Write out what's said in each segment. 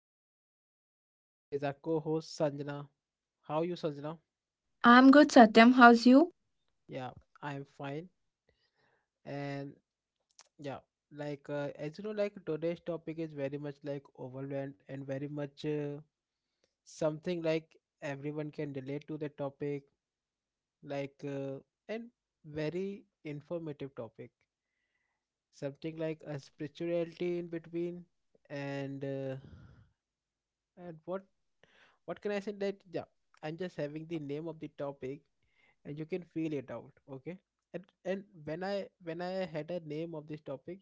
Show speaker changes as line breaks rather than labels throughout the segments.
with me is our co-host Sanjana. How are you Sanjana?
I'm good, Satyam. How's you?
Yeah, I am fine and yeah, as you know like today's topic is very much like overwhelmed and very much something like everyone can relate to the topic like uh, and very informative topic. Something like a spirituality in between and uh, and what can I say that yeah I'm just having the name of the topic and you can feel it out, okay, and when I had a name of this topic,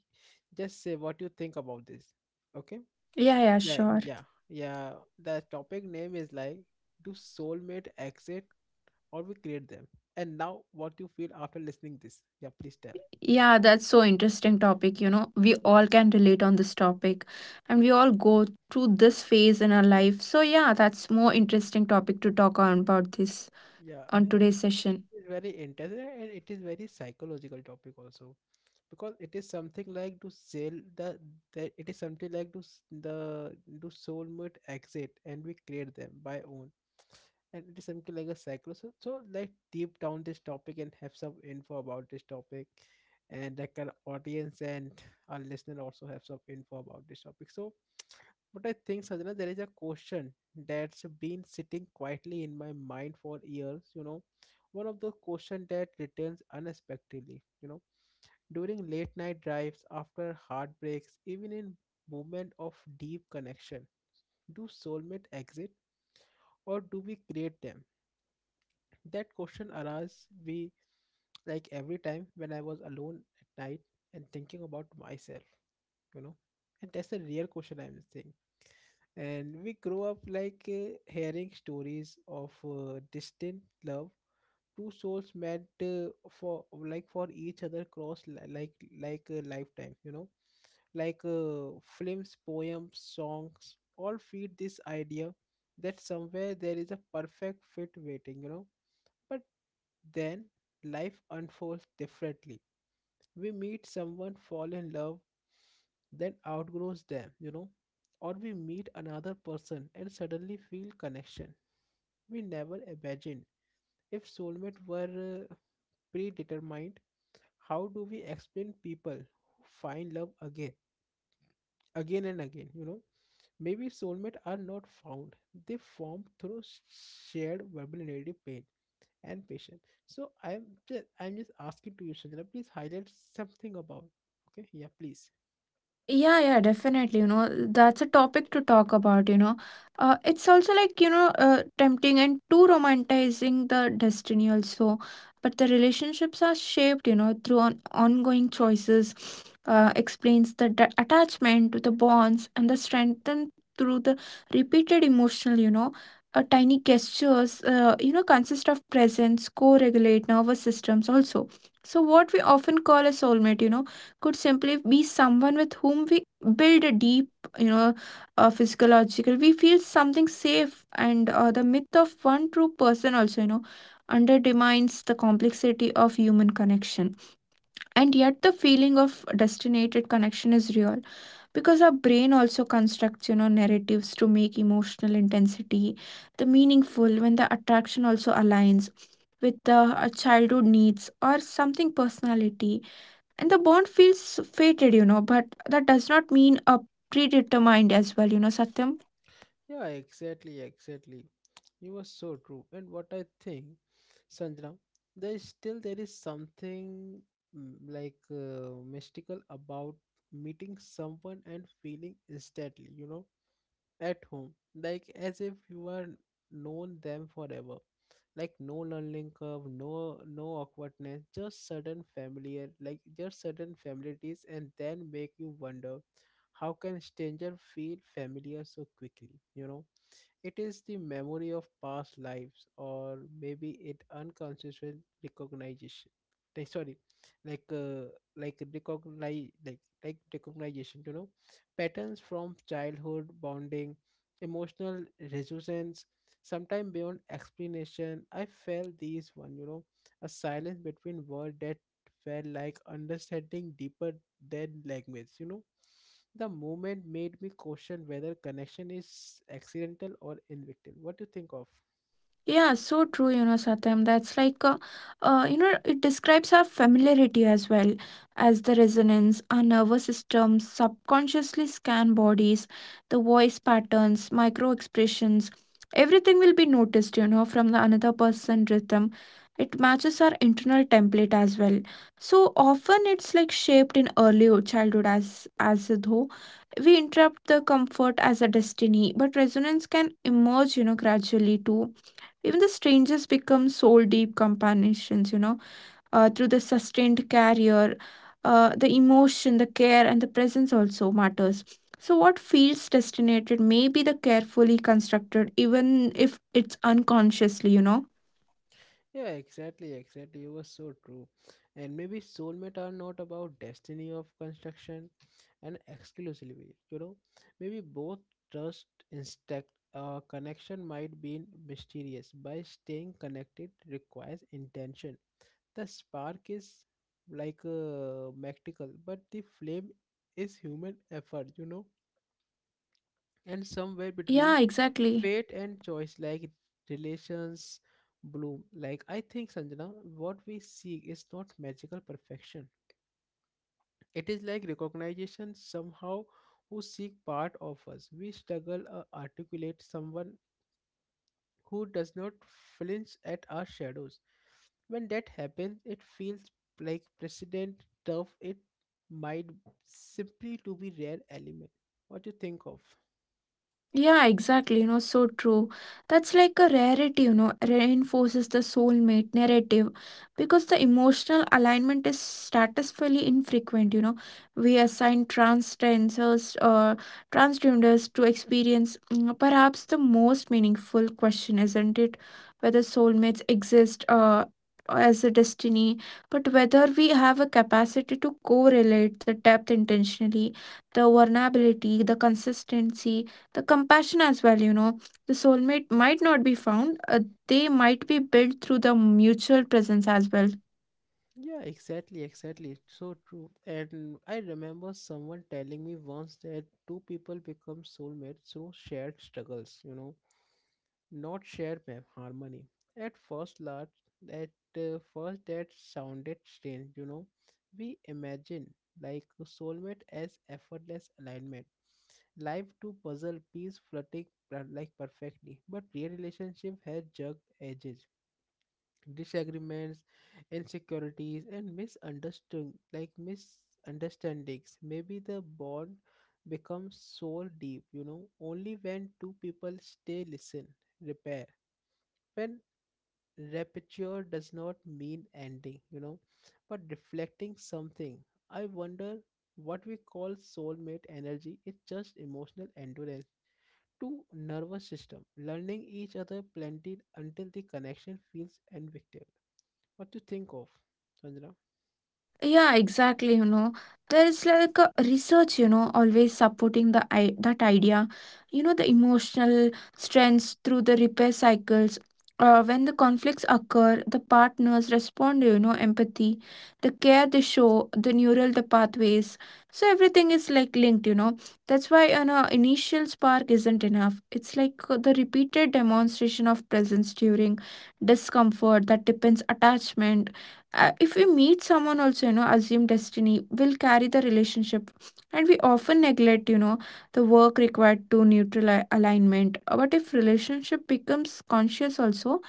just say what you think about this, okay?
Yeah, yeah,
like
sure.
yeah yeah the topic name is like, do soulmate exit or we create them? And now what you feel after listening this, yeah, please tell.
Yeah, that's so interesting topic, you know. We all can relate on this topic and we all go through this phase in our life. So yeah, that's more interesting topic to talk on about this
Yeah,
on
and
today's session.
it is very interesting and it is very psychological topic also, because it is something like to sell the it is something like to s- the do soulmate exit and we create them by own, and it is something like a cycle. So like deep down this topic and have some info about this topic, and like our audience and our listener also have some info about this topic. So what I think, Sajana, there is a question that's been sitting quietly in my mind for years, you know, one of the question that returns unexpectedly, you know, during late night drives, after heartbreaks, even in moment of deep connection. Do soulmate exit or do we create them? That question arises we like every time when I was alone at night and thinking about myself, you know. And that's a real question I'm saying. And we grow up hearing stories of distant love, two souls meant for for each other cross like a lifetime, you know, films, poems, songs, all feed this idea that somewhere there is a perfect fit waiting, you know. But then life unfolds differently. We meet someone, fall in love, then outgrows them, you know. Or we meet another person and suddenly feel connection. We never imagined. If soulmate were predetermined, how do we explain people who find love again, again and again, you know? Maybe soulmates are not found, they form through shared vulnerability, pain and patience. So I'm just asking to you, Sanjana, please highlight something about, okay? Yeah, please.
Yeah, yeah, definitely. You know, that's a topic to talk about, you know. It's also like, tempting and too romanticizing the destiny also. But the relationships are shaped, you know, through on ongoing choices, explains the d attachment to the bonds and the strengthen through the repeated emotional, tiny gestures, consist of presence, co-regulate nervous systems also. So what we often call a soulmate, you know, could simply be someone with whom we build a deep you know physiological we feel something safe and the myth of one true person also, you know, undermines the complexity of human connection, and yet the feeling of destinated connection is real because our brain also constructs, you know, narratives to make emotional intensity the meaningful when the attraction also aligns with the childhood needs or something personality, and the bond feels fated, you know, but that does not mean a predetermined as well, you know, Satyam.
Yeah, exactly, exactly. You were so true. And what I think, Sanjana, there is something mystical about meeting someone and feeling instantly, you know, at home, like as if you are known them forever. Like no learning curve, no awkwardness, just sudden familiarities, and then make you wonder how can stranger feel familiar so quickly? You know. It is the memory of past lives, or maybe it unconscious recognition. Like, sorry, like uh, like recognize like recognition. You know, patterns from childhood bonding, emotional resonance, sometime beyond explanation. I felt these one. You know, a silence between words that felt like understanding deeper than language. You know the moment made me question whether connection is accidental or invictive. What do you think of?
Yeah, so true, you know, Satyam. That's like, you know, it describes our familiarity as well as the resonance. Our nervous systems subconsciously scan bodies, the voice patterns, micro expressions. Everything will be noticed, you know, from the another person rhythm. It matches our internal template as well. So often it's like shaped in early childhood as though we interrupt the comfort as a destiny, but resonance can emerge, you know, gradually too. Even the strangers become soul deep companions, through the sustained carrier, the emotion, the care, and the presence also matters. So, what feels destinated may be the carefully constructed, even if it's unconsciously, you know?
Yeah, exactly, exactly. You were so true. And maybe soulmate are not about destiny of construction and exclusively, you know. Maybe both trust instinct connection might be mysterious. By staying connected requires intention. The spark is like a magical, but the flame is human effort, you know. And somewhere between
Yeah, exactly.
fate and choice, like relations bloom. Like I think, Sanjana, what we seek is not magical perfection, it is like recognition somehow, who seek part of us we struggle articulate, someone who does not flinch at our shadows. When that happens it feels like precedent, tough it might simply to be rare element. What do you think of?
Yeah, exactly. You know, so true. That's like a rarity, you know, reinforces the soulmate narrative because the emotional alignment is statistically infrequent. You know, we assign transgenders or transgenders to experience perhaps the most meaningful question, isn't it? Whether soulmates exist as a destiny, but whether we have a capacity to correlate the depth intentionally, the vulnerability, the consistency, the compassion as well, you know. The soulmate might not be found, they might be built through the mutual presence as well.
Yeah, exactly, exactly. It's so true. And I remember someone telling me once that two people become soulmates through shared struggles, you know, not shared harmony. At first large, at first that sounded strange, you know. We imagine like a soulmate as effortless alignment, life to puzzle piece flirting perfectly, but real relationship has jagged edges, disagreements, insecurities, and misunderstandings. Maybe the bond becomes so deep, you know, only when two people stay, listen, repair. When repair does not mean ending, you know, but reflecting something. I wonder what we call soulmate energy is just emotional endurance, two nervous system learning each other plenty until the connection feels invictive. What to think of, Sanjana?
Yeah, exactly. You know, there's like a research, you know, always supporting the I that idea. You know, the emotional strengths through the repair cycles. When the conflicts occur, the partners respond, you know, empathy, the care they show, the neural, the pathways. So everything is like linked, you know. That's why an initial spark isn't enough. It's like, the repeated demonstration of presence during discomfort that depends attachment. Uh, if we meet someone also, you know, assume destiny will carry the relationship, and we often neglect, you know, the work required to alignment. But if relationship becomes conscious also,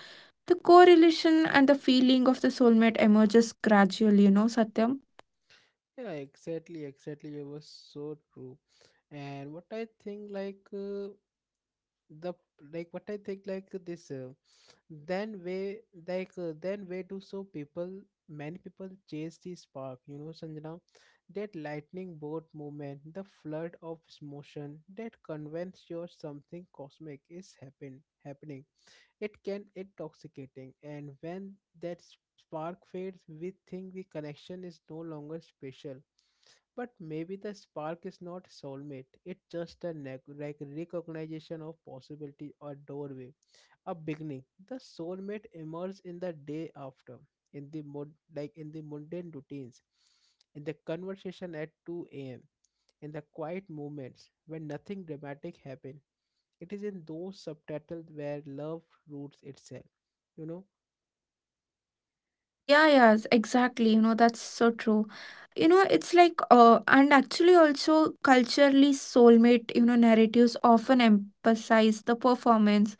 the correlation and the feeling of the soulmate emerges gradually, you know, Satyam.
Yeah, exactly, exactly. It was so true. And what I think the like, what I think like this then way like then way do so people many people chase the spark, you know, Sanjana, that lightning bolt movement, the flood of emotion that convince you something cosmic is happening. It can intoxicating, and when that spark fades, we think the connection is no longer special. But maybe the spark is not soulmate. It's just a recognition of possibility or doorway, a beginning. The soulmate emerges in the day after, in the mundane routines, in the conversation at 2 a.m., in the quiet moments when nothing dramatic happens. It is in those subtitles where love roots itself. You know?
Yeah, yes, exactly, you know, that's so true. You know, it's like, and actually also culturally soulmate, you know, narratives often emphasize the performance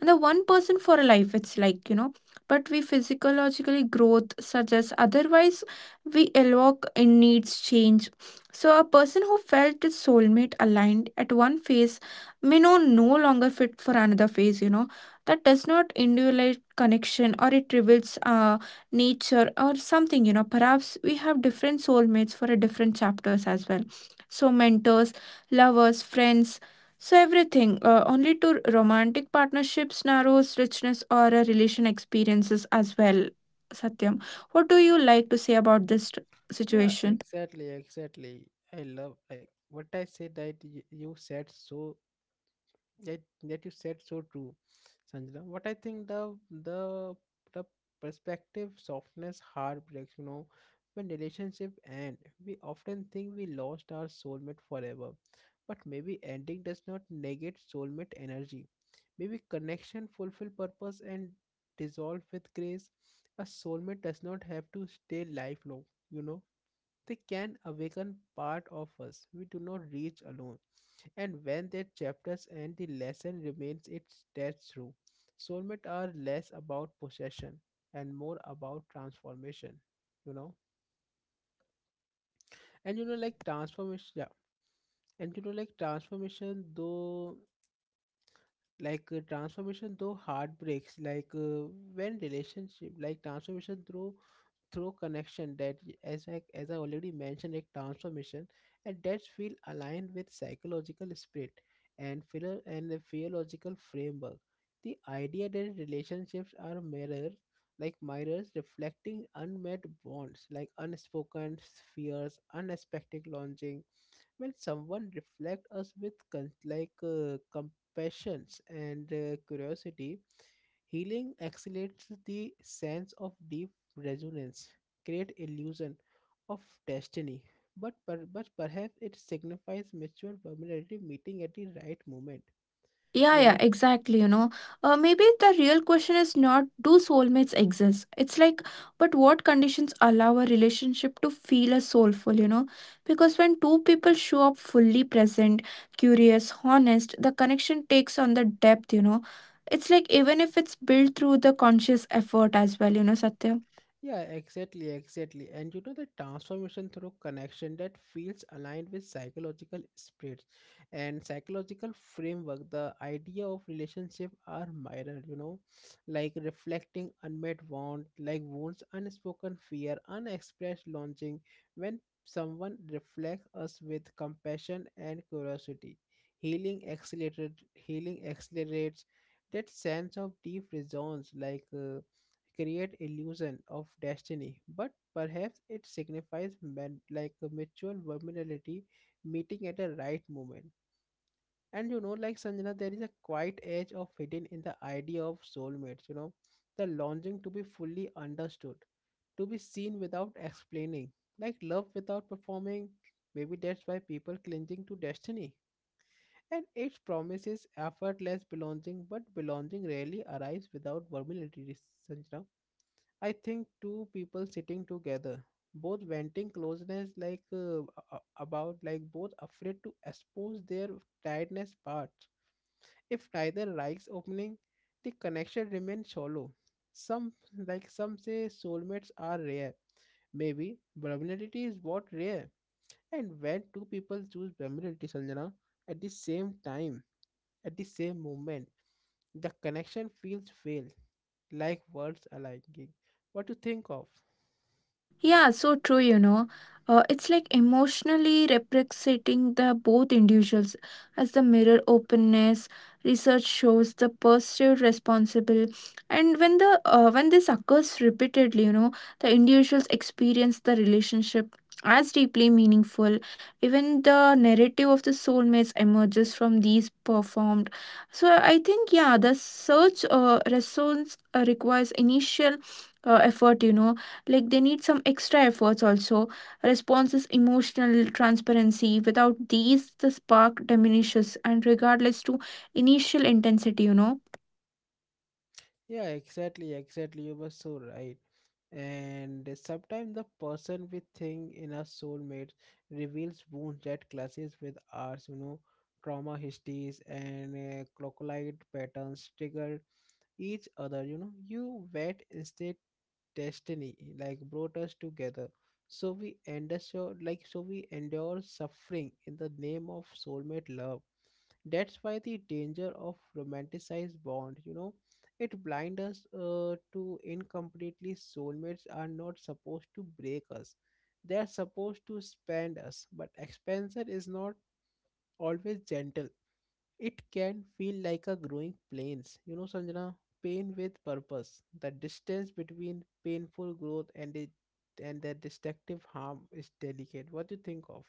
and the one person for a life. It's like, you know, but we physiologically growth suggests otherwise. We evoke in needs change. So a person who felt his soulmate aligned at one phase may no longer fit for another phase, you know. That does not individualize connection or it reveals nature or something, you know. Perhaps we have different soulmates for a different chapters as well. So mentors, lovers, friends, so everything, only to romantic partnerships, narrows richness or a relation experiences as well. Satyam, what do you like to say about this
Yeah,
situation?
exactly, exactly. I love like what I said that y- you said so, that you said so true. Sanjana, what I think the the perspective softness heartbreaks, you know, when relationship end we often think we lost our soulmate forever, but maybe ending does not negate soulmate energy. Maybe connection fulfill purpose and dissolve with grace. A soulmate does not have to stay lifelong, you know, they can awaken part of us we do not reach alone. And when their chapters end, the lesson remains, its that's true. Soulmates are less about possession and more about transformation. You know, and you know, like transformation, yeah, and you know, like transformation, though heartbreaks, like when relationship, like transformation through through connection that as I already mentioned, like transformation, and that feel aligned with psychological spirit and the theological framework. The idea that relationships are mirrors, like mirrors reflecting unmet bonds, like unspoken fears, unexpected longing. When someone reflects us with compassions and curiosity, healing accelerates the sense of deep resonance, create illusion of destiny, but perhaps it signifies mature vulnerability meeting at the right moment.
Yeah,
You
yeah,
know.
exactly. You know, maybe the real question is not do soulmates exist? It's like, but what conditions allow a relationship to feel as soulful, you know? Because when two people show up fully present, curious, honest, the connection takes on the depth, you know? It's like, even if it's built through the conscious effort as well, you know, Satya?
Yeah, exactly, exactly. And you know the transformation through connection that feels aligned with psychological spirits and psychological framework. The idea of relationship are mirrored, you know, like reflecting unmet want, like wounds, unspoken fear, unexpressed longing. When someone reflects us with compassion and curiosity, healing accelerates that sense of deep resonance, like. Create illusion of destiny, but perhaps it signifies men like a mutual vulnerability meeting at the right moment. And you know, like, Sanjana, there is a quiet edge of hidden in the idea of soulmates, you know, the longing to be fully understood, to be seen without explaining, like love without performing. Maybe that's why people clinging to destiny and it promises effortless belonging, but belonging rarely arrives without vulnerability. Sanjana, I think two people sitting together, both venting closeness, like a- about, like both afraid to expose their tiredness parts. If neither likes opening, the connection remains shallow. Some, some say, soulmates are rare. Maybe vulnerability is what rare. And when two people choose vulnerability, Sanjana, at the same time, at the same moment, the connection feels failed, like words aligning. What do you think of?
Yeah, so true, you know. It's like emotionally representing the both individuals as the mirror openness. Research shows the perceived responsible, and when the when this occurs repeatedly, you know, the individuals experience the relationship as deeply meaningful. Even the narrative of the soulmates emerges from these performed. So I think yeah, the search, resonance requires initial effort, you know, like they need some extra efforts also, responses emotional transparency. Without these the spark diminishes and regardless to initial intensity, you know.
Yeah, exactly, exactly. You were so right. And sometimes the person we think in our soulmates reveals wounds that clashes with ours, you know, trauma histories and crocodile patterns triggered each other, you know. You wet instead destiny like brought us together. So we endure suffering in the name of soulmate love. That's why the danger of romanticized bond, you know, it blind us to incompletely. Soulmates are not supposed to break us. They are supposed to expand us, but expansion is not always gentle. It can feel like a growing pains, you know, Sanjana. Pain with purpose. The distance between painful growth and the destructive harm is delicate. What do you think of?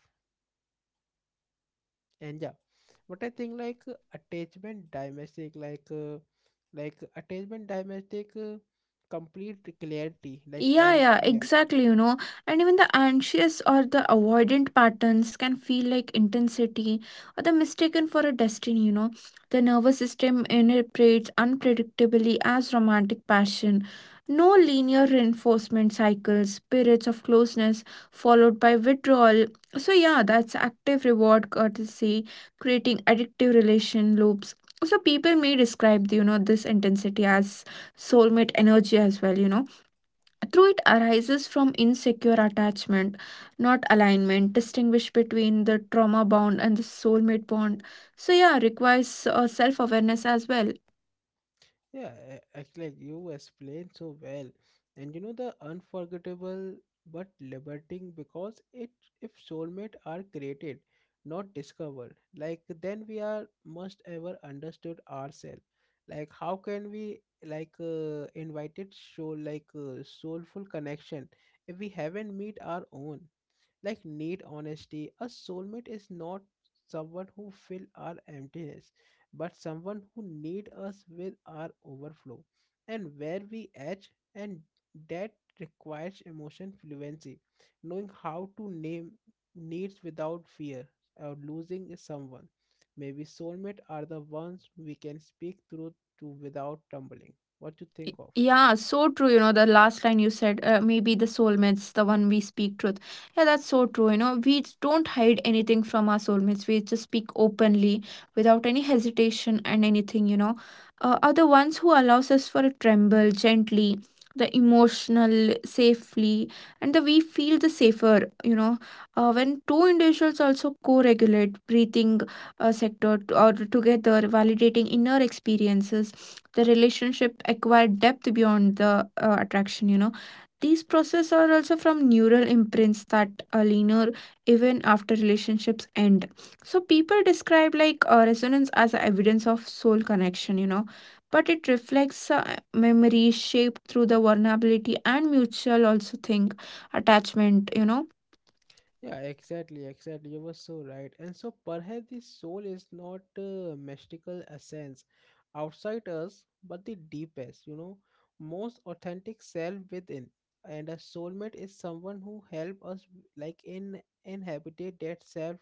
And yeah, but I think like attachment domestic complete clarity, like,
Yeah,
and
yeah,
yeah.
exactly, you know. And even the anxious or the avoidant patterns can feel like intensity or the mistaken for a destiny, you know. The nervous system interprets unpredictably as romantic passion. No linear reinforcement cycles, periods of closeness followed by withdrawal. So yeah, that's active reward courtesy, creating addictive relation loops. So people may describe, you know, this intensity as soulmate energy as well, you know, through it arises from insecure attachment, not alignment. Distinguish between the trauma bond and the soulmate bond. So, yeah, requires self awareness as well.
Yeah, actually, you explained so well, and you know the unforgettable but liberating, because it, if soulmate are created, not discovered, like then we are must ever understood ourselves. Like how can we like invited show like soulful connection if we haven't meet our own? Like need honesty, a soulmate is not someone who fill our emptiness, but someone who need us with our overflow and where we edge and that requires emotion fluency, knowing how to name needs without fear of losing someone. Maybe soulmate are the ones we can speak through to without tumbling. What you think of?
Yeah, so true. You know, the last line you said, maybe the soulmates, the one we speak truth. Yeah, that's so true. You know, we don't hide anything from our soulmates. We just speak openly without any hesitation and anything, you know, are the ones who allows us for a tremble gently, the emotional safely, and the we feel the safer, you know, when two individuals also co regulate breathing, or together, validating inner experiences. The relationship acquired depth beyond the attraction, you know. These processes are also from neural imprints that are linear even after relationships end. So people describe like, resonance as a evidence of soul connection, you know, but it reflects memory shaped through the vulnerability and mutual also think attachment, you know.
Yeah, exactly, exactly. You were so right. And so perhaps the soul is not a mystical essence outside us, but the deepest, you know, most authentic self within. And a soulmate is someone who help us like in inhabitate that self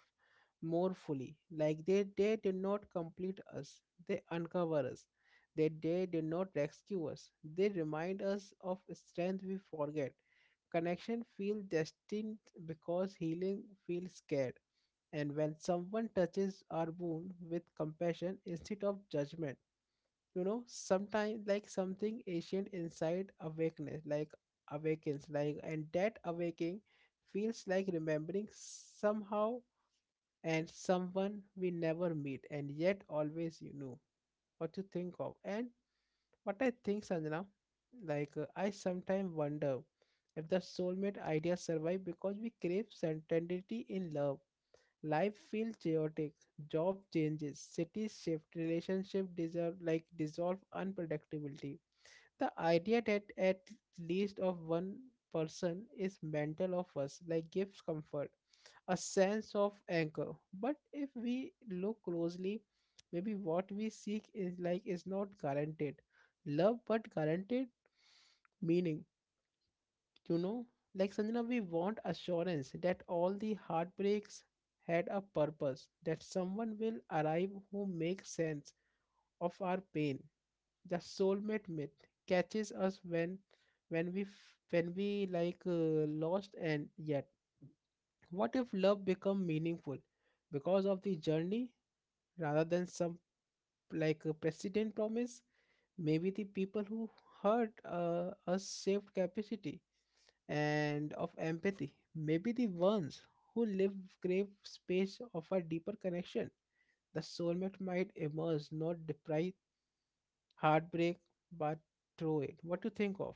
more fully. Like they did not complete us, they uncover us. They did not rescue us. They remind us of strength we forget. Connection feels destined because healing feels scared. And when someone touches our wound with compassion instead of judgment, you know, sometimes like something ancient inside awakeness, like awakens, like, and that awakening feels like remembering somehow and someone we never meet and yet always, you know, what to think of. And what I think, Sanjana, like I sometimes wonder if the soulmate idea survive because we crave certainty in love. Life feels chaotic, job changes, cities shift, relationship dissolve like dissolve unpredictability. The idea that at least of one person is mental of us like gives comfort, a sense of anchor. But if we look closely, maybe what we seek is like is not guaranteed love, but guaranteed meaning. You know, like Sanjana, we want assurance that all the heartbreaks had a purpose, that someone will arrive who makes sense of our pain. The soulmate myth catches us when when we lost and yet. What if love become meaningful because of the journey rather than some like a precedent promise? Maybe the people who hurt us saved capacity and of empathy. Maybe the ones who live grave space of a deeper connection. The soulmate might emerge, not deprive heartbreak, but through it. What do you think of?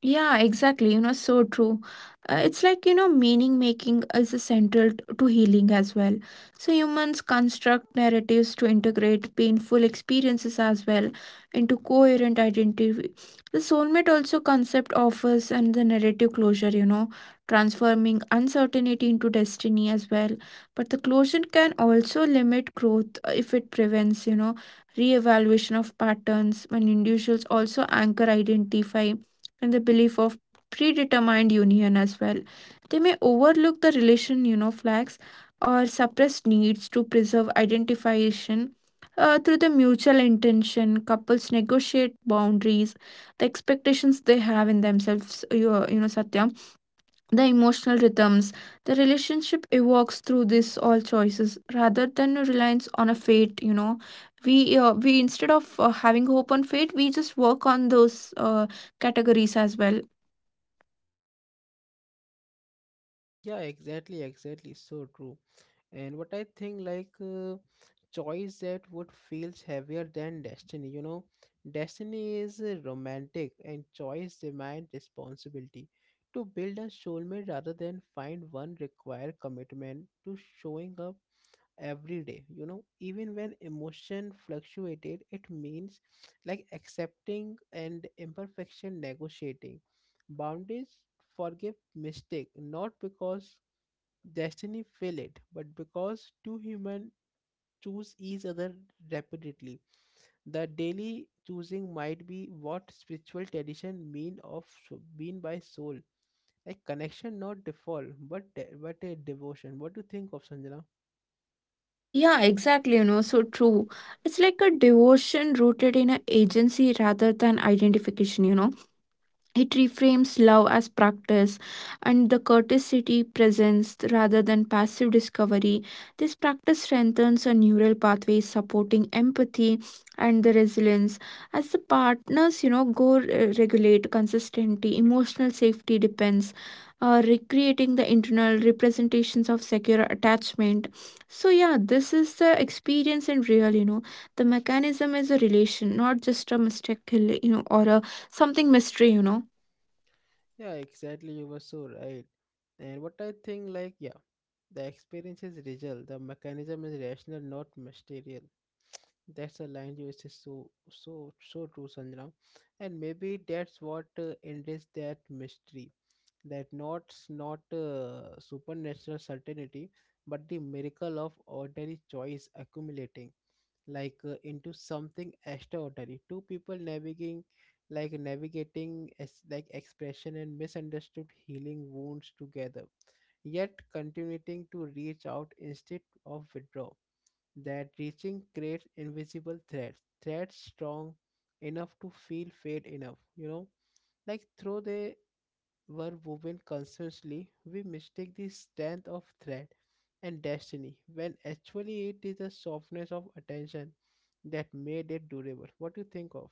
Yeah, exactly. You know, so true. It's like, you know, meaning making is a central to healing as well. So humans construct narratives to integrate painful experiences as well into coherent identity. The soulmate also concept offers and the narrative closure, you know, transforming uncertainty into destiny as well. But the closure can also limit growth if it prevents, you know, re-evaluation of patterns when individuals also anchor identify and the belief of predetermined union as well. They may overlook the relation, you know, flags or suppress needs to preserve identification. Through the mutual intention, couples negotiate boundaries, the expectations they have in themselves, you know, Satya, the emotional rhythms, the relationship evokes through this all choices rather than a reliance on a fate, you know. We instead of having hope on fate, we just work on those categories as well.
Yeah, exactly, exactly. So true. And what I think, like, choice that would feels heavier than destiny, you know, destiny is romantic, and choice demand responsibility. To build a soulmate rather than find one require commitment to showing up every day, you know, even when emotion fluctuated, it means like accepting and imperfection, negotiating boundaries, forgive mistake not because destiny will it, but because two humans choose each other repeatedly, the daily choosing might be what spiritual tradition mean by soul, like connection, not default, but a devotion. What do you think of, Sanjana?
Yeah, exactly. You know, so true. It's like a devotion rooted in a agency rather than identification, you know. It reframes love as practice and the courtesy presence rather than passive discovery. This practice strengthens a neural pathway supporting empathy and the resilience. As the partners, you know, go regulate consistency, emotional safety depends, recreating the internal representations of secure attachment. So yeah, this is the experience in real. You know, the mechanism is a relation, not just a mistake, you know, or a something mystery. You know.
Yeah, exactly. You were so right. And what I think, like, yeah, the experience is real. The mechanism is rational, not mysterious. That's a line you say, so, so, so true, Sanjana. And maybe that's what enriches that mystery. That not supernatural certainty, but the miracle of ordinary choice accumulating like into something extraordinary, two people navigating like navigating as like expression and misunderstood, healing wounds together, yet continuing to reach out instead of withdraw. That reaching creates invisible threads, threads strong enough to feel, fade enough, you know, like through the were woven constantly, we mistake the strength of thread and destiny when actually it is the softness of attention that made it durable. What do you think of?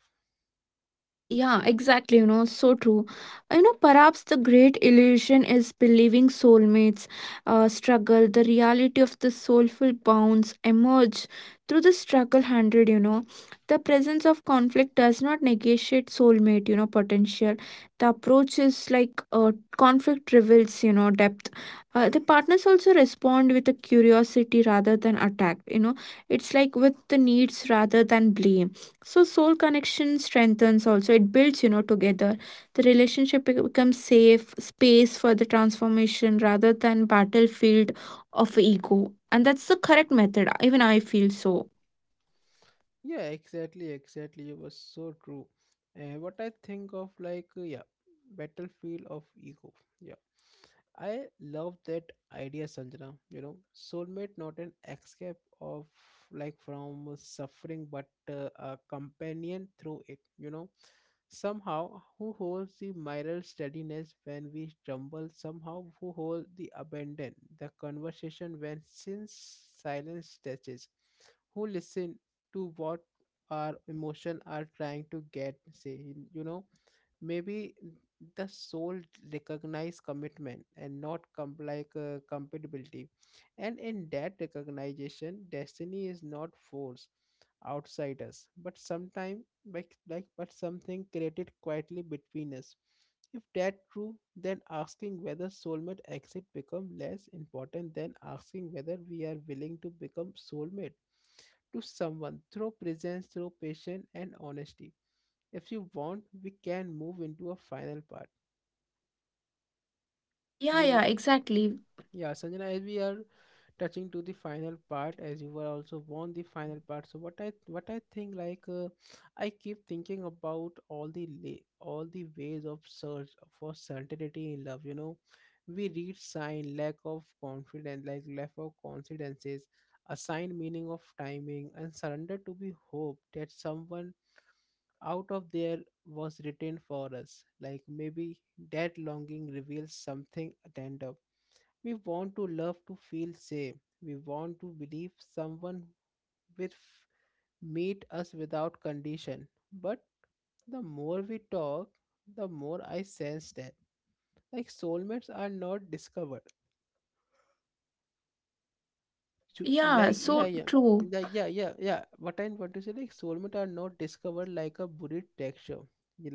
Yeah, exactly. You know, so true. You know, perhaps the great illusion is believing soulmates struggle. The reality of the soulful bonds emerge through the struggle handled. You know, the presence of conflict does not negotiate soulmate, you know, potential. The approach is like, conflict reveals, you know, depth. The partners also respond with a curiosity rather than attack. You know, it's like with the needs rather than blame, so soul connection strengthens also. It builds, you know, together. The relationship becomes safe space for the transformation rather than battlefield of ego. And that's the correct method. Even I feel so.
Yeah, exactly, exactly. It was so true. And what I think of, like, yeah, battlefield of ego. Yeah, I love that idea, Sanjana. You know, soulmate not an escape of like from suffering, but a companion through it. You know, somehow who holds the moral steadiness when we stumble, somehow who hold the abandon, the conversation when since silence touches, who listen to what our emotion are trying to get say, you know. Maybe the soul recognize commitment and not compatibility, and in that recognition destiny is not force outside us but sometime like but something created quietly between us. If that true, then asking whether soulmate exit become less important than asking whether we are willing to become soulmate to someone through presence, through patience, and honesty. If you want, we can move into a final part.
Yeah,
You
yeah,
know,
exactly.
yeah, Sanjana, as we are touching to the final part as you were also born the final part, so what i think like I keep thinking about all the la- all the ways of search for certainty in love, you know, we read sign lack of confidence like lack of coincidences, assign meaning of timing and surrender to be hope that someone out of there was written for us like maybe that longing reveals something tender. We want to love to feel safe. We want to believe someone will meet us without condition. But the more we talk, the more I sense that like soulmates are not discovered. So,
Yeah, so true.
What I want to say, like soulmates are not discovered like a buried texture.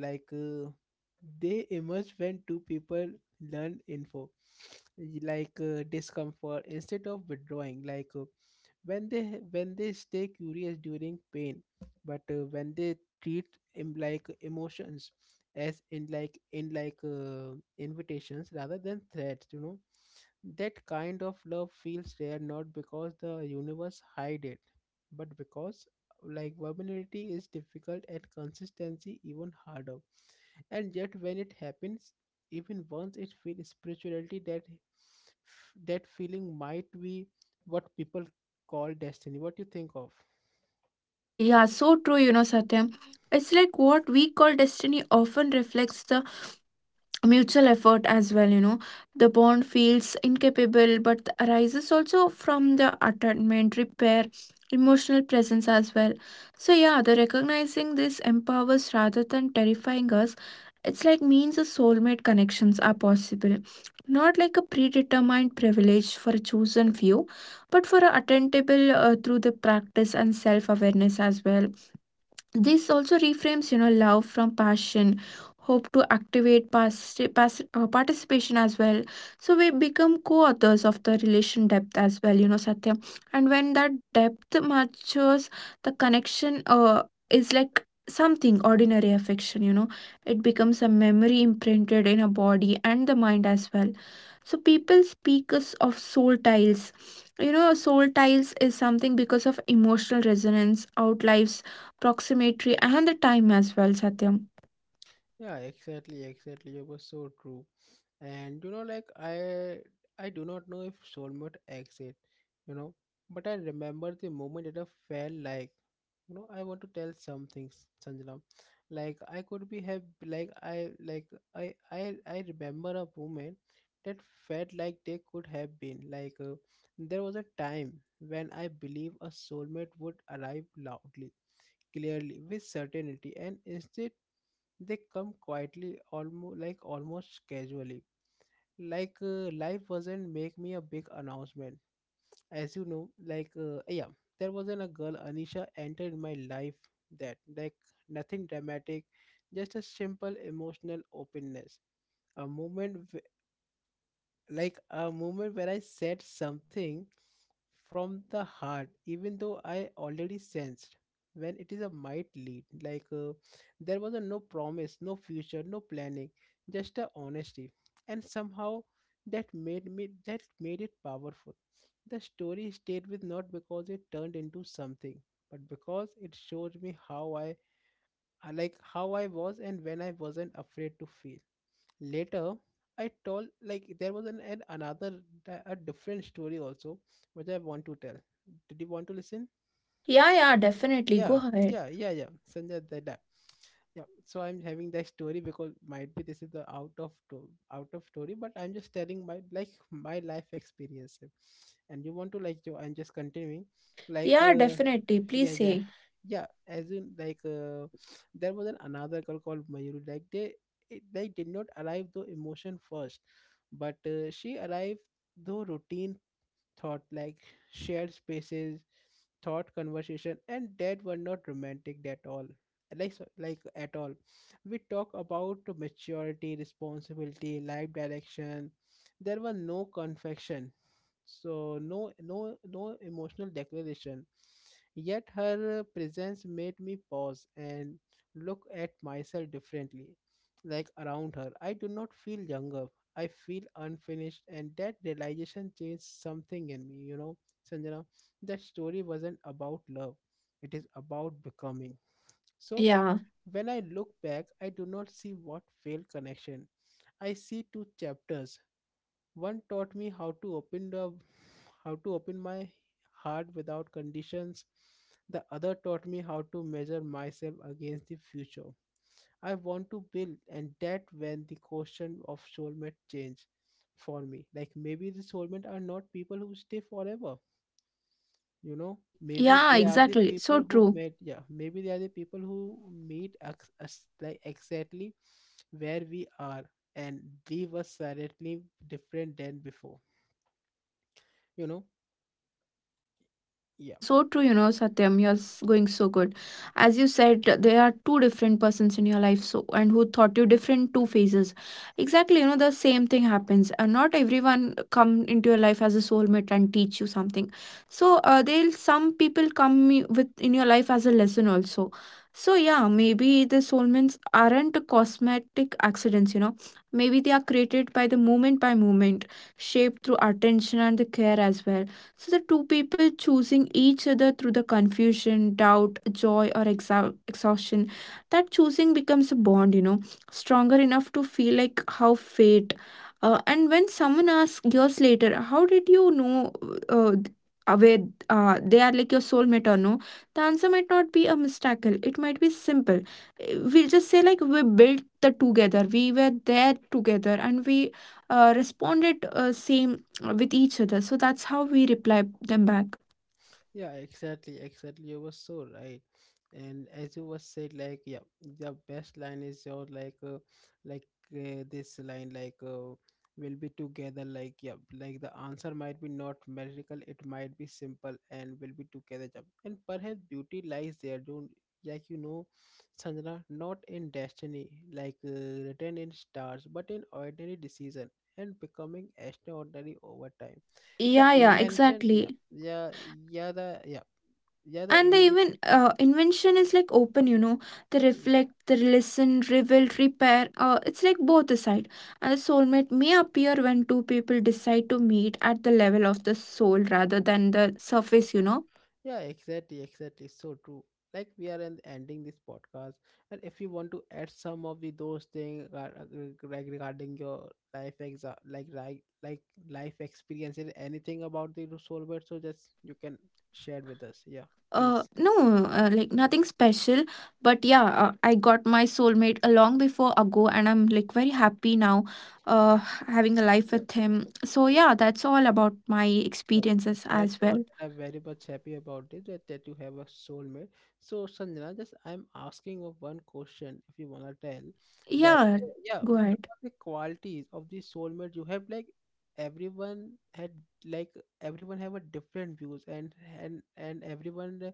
Like they emerge when two people learn info, like discomfort instead of withdrawing. Like uh, when they when they stay curious during pain, but when they treat like emotions as in like invitations rather than threats, you know. That kind of love feels rare, not because the universe hide it, but because like vulnerability is difficult and consistency even harder. And yet when it happens, even once, it feels spirituality. That that feeling might be what people call destiny. What do you think of?
Yeah, so true, you know, Satyam. It's like what we call destiny often reflects the mutual effort as well, you know. The bond feels incapable but arises also from the attachment repair, emotional presence as well. So yeah, the recognizing this empowers rather than terrifying us. It's like means a soulmate connections are possible, not like a predetermined privilege for a chosen few, but for a attainable through the practice and self awareness as well. This also reframes, you know, love from passion hope to activate participation as well. So we become co-authors of the relation depth as well, you know, Satya. And when that depth matures, the connection is like something ordinary affection, you know. It becomes a memory imprinted in a body and the mind as well. So people speak us of soul tiles, you know. Soul tiles is something because of emotional resonance outlives proximity and the time as well, Satyam.
Yeah, exactly, exactly. It was so true. And you know, like I do not know if soulmate exit, you know, but I remember the moment that I felt like, you know, I want to tell some things, Sanjana. Like I could be have like I remember a moment that felt like they could have been. Like there was a time when I believe a soulmate would arrive loudly, clearly, with certainty, and instead. They come quietly, almost casually. Like life wasn't make me a big announcement. As you know, like yeah, there wasn't a girl Anisha entered my life that like nothing dramatic, just a simple emotional openness. A moment a moment where I said something from the heart, even though I already sensed when it is a might lead. Like there was a no promise, no future, no planning, just a honesty, and somehow that made it powerful. The story stayed with, not because it turned into something, but because it showed me how I like how I was and when I wasn't afraid to feel later. I told like there was an another a different story also, which I want to tell. Did you want to listen?
Yeah, yeah, definitely.
Yeah,
Go ahead.
Sanjay, did that. Yeah, so I'm having that story because might be this is the out of story, but I'm just telling my like my life experience. And you want to like you, I'm just continuing like
Yeah, definitely.
yeah,
Please say.
yeah as in like there was an another girl called Mayuri, like they it, they did not arrive the emotion first, but she arrived the routine thought like shared spaces, thought conversation, and that were not romantic at all, like at all. We talk about maturity, responsibility, life direction. There were no confection, so no emotional declaration. Yet her presence made me pause and look at myself differently. Like around her I do not feel younger, I feel unfinished, and that realization changed something in me. You know, Sanjana, that story wasn't about love, it is about becoming. So,
Yeah.
when I look back, I do not see what failed connection. I see two chapters. One taught me how to open my heart without conditions. The other taught me how to measure myself against the future I want to build, and that when the question of soulmate changed for me. Like maybe the soulmate are not people who stay forever. You know, maybe
Yeah,
they are the
exactly. So
people who
true.
met. Yeah, maybe they are the people who meet us exactly where we are and leave us slightly different than before. You know, yeah.
Yeah, so true, you know, Satyam, going so good. As you said, there are two different persons in your life, so and who thought you different two phases. Exactly, you know, the same thing happens. And not everyone come into your life as a soulmate and teach you something. So they'll some people come with in your life as a lesson also. So yeah, maybe the soulmates aren't cosmetic accidents, you know. Maybe they are created by the moment by moment, shaped through attention and the care as well. So the two people choosing each other through the confusion, doubt, joy, or exhaustion, that choosing becomes a bond, you know, stronger enough to feel like how fate. And when someone asks years later, how did you know uh, th- where they are like your soulmate or no? The answer might not be a miracle. It might be simple. We'll just say like we built the together. We were there together, and we responded same with each other. So that's how we reply them back.
Yeah, exactly, exactly. You were so right. And as you were said, like, yeah, the best line is your like, like this line, like, we'll be together. Like, yeah, like the answer might be not magical. It might be simple, and we'll be together. Yeah. And perhaps beauty lies there. Don't like, you know, Sanjana, not in destiny, like written in stars, but in ordinary decision and becoming extraordinary over time. The
Yeah, yeah,
invention, yeah
exactly.
yeah yeah yeah the
And the
invite
even invention is like open, you know. They
yeah
reflect, they listen, reveal, repair. It's like both the side. And the soulmate may appear when two people decide to meet at the level of the soul rather than the surface, you know.
yeah, exactly, exactly, so true. Like, we are ending this podcast, and if you want to add some of the those things, like regarding your life like life experiences, anything about the soulbird, so just you can share with us. Yeah, please.
No, like nothing special, but yeah, I got my soulmate a long before ago, and I'm like very happy now, uh, having a life
Yeah,
with him. So yeah, that's all about my
yeah,
experiences
that's
as
all,
well.
and I'm very much happy about it that, that you have a soulmate. So, Sanjana, just I'm asking of one question, if you wanna tell that,
Yeah,
yeah,
go ahead.
what are the qualities of the soulmate you have? Like, everyone had, like, everyone have a different views, and everyone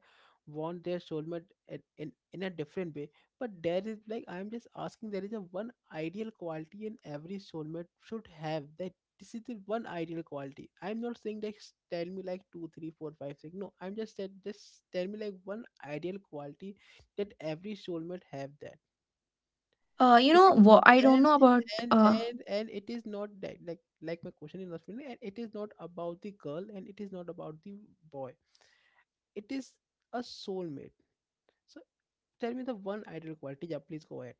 want their soulmate at, in a different way. But there is, like I'm just asking, there is a one ideal quality in every soulmate should have that, this is the one ideal quality. I'm not saying that tell me like two, three, four, five, six. No, I'm just said, just tell me like one ideal quality that every soulmate have that.
You know
Even
what? I don't
and
know about uh
and it is not that, like my question is not really, and it is not about the girl, and it is not about the boy. It is a soulmate. So tell me the one ideal quality. Yeah, please go ahead.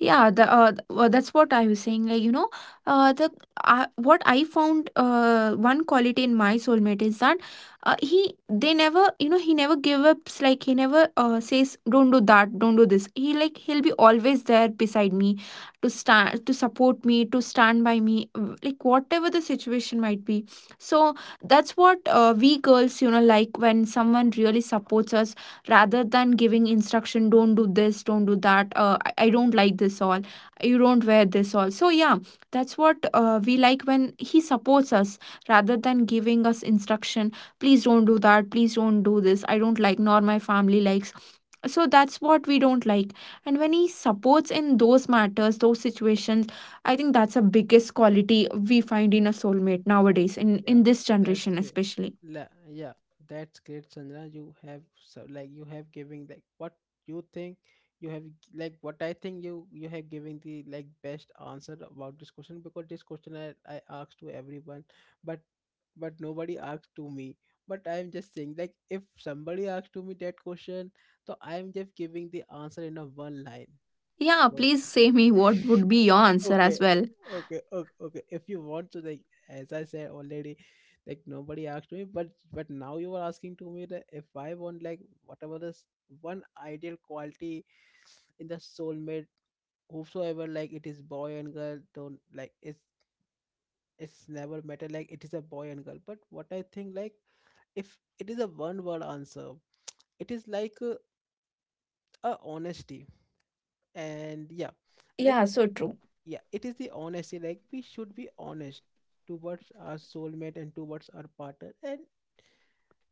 yeah, the that's what I was saying. Like you know, the what I found one quality in my soulmate is that he they never, you know, he never give ups. Like he never says don't do that, don't do this. He like he'll be always there beside me, to stand, to support me, to stand by me, like whatever the situation might be. So that's what we girls, you know, like when someone really supports us rather than giving instruction, don't do this, don't do that. I don't like this all, you don't wear this all. So yeah, that's what we like, when he supports us rather than giving us instruction, please don't do that, please don't do this, I don't like nor my family likes. So that's what we don't like. And when he supports in those matters, those situations, I think that's the biggest quality we find in a soulmate nowadays, in
Yeah,
this
that's
generation
great.
especially.
Yeah, that's great, Chandra. You have so, like, you have giving like what you think, you have like what I think, you have giving the like best answer about this question, because this question I asked to everyone, but but nobody asked to me. But I'm just saying, like, if somebody asked to me that question, so I'm just giving the answer in a one line.
Yeah,
So,
please say me what would be your answer
okay
as well.
okay, if you want to, like, as I said already, like, nobody asked me, but now you are asking to me that if I want, like, whatever this one ideal quality in the soulmate, whosoever, like, it is boy and girl, don't, like, it's never matter, like, it is a boy and girl, but what I think, like, if it is a one word answer, it is like, a honesty. And yeah, like,
Yeah, so true.
yeah, it is the honesty, like, we should be honest towards our soulmate and towards our partner, and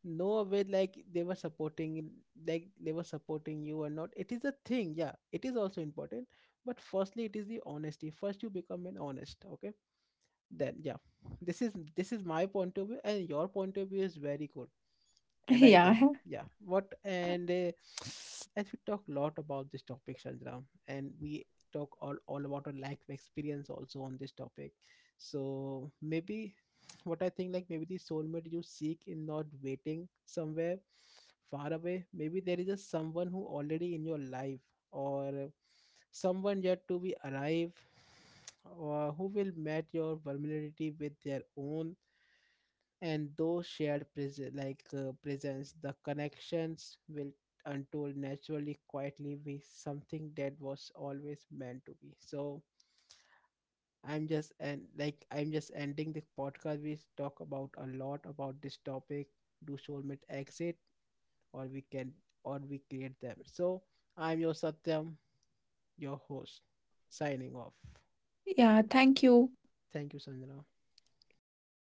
no way like they were supporting, like they were supporting you or not, it is a thing. Yeah, it is also important, but firstly it is the honesty, first you become an honest, okay, then yeah, this is my point of view, and your point of view is very good. And I,
Yeah,
yeah, yeah, what. And as we talk a lot about this topic, Chandra, and we talk all about our lack of experience also on this topic. So maybe what I think, like, maybe the soulmate you seek in not waiting somewhere far away. Maybe there is a someone who already in your life, or someone yet to be arrive, or who will match your vulnerability with their own, and those shared presence, the connections will untold naturally, quietly be something that was always meant to be. So I'm just, and like, I'm just ending the podcast. We talk about a lot about this topic, do soulmate exit, or we can, or we create them. So I'm your Satyam, your host, signing off.
yeah. Thank you.
Thank you, Sandra.
Thank you.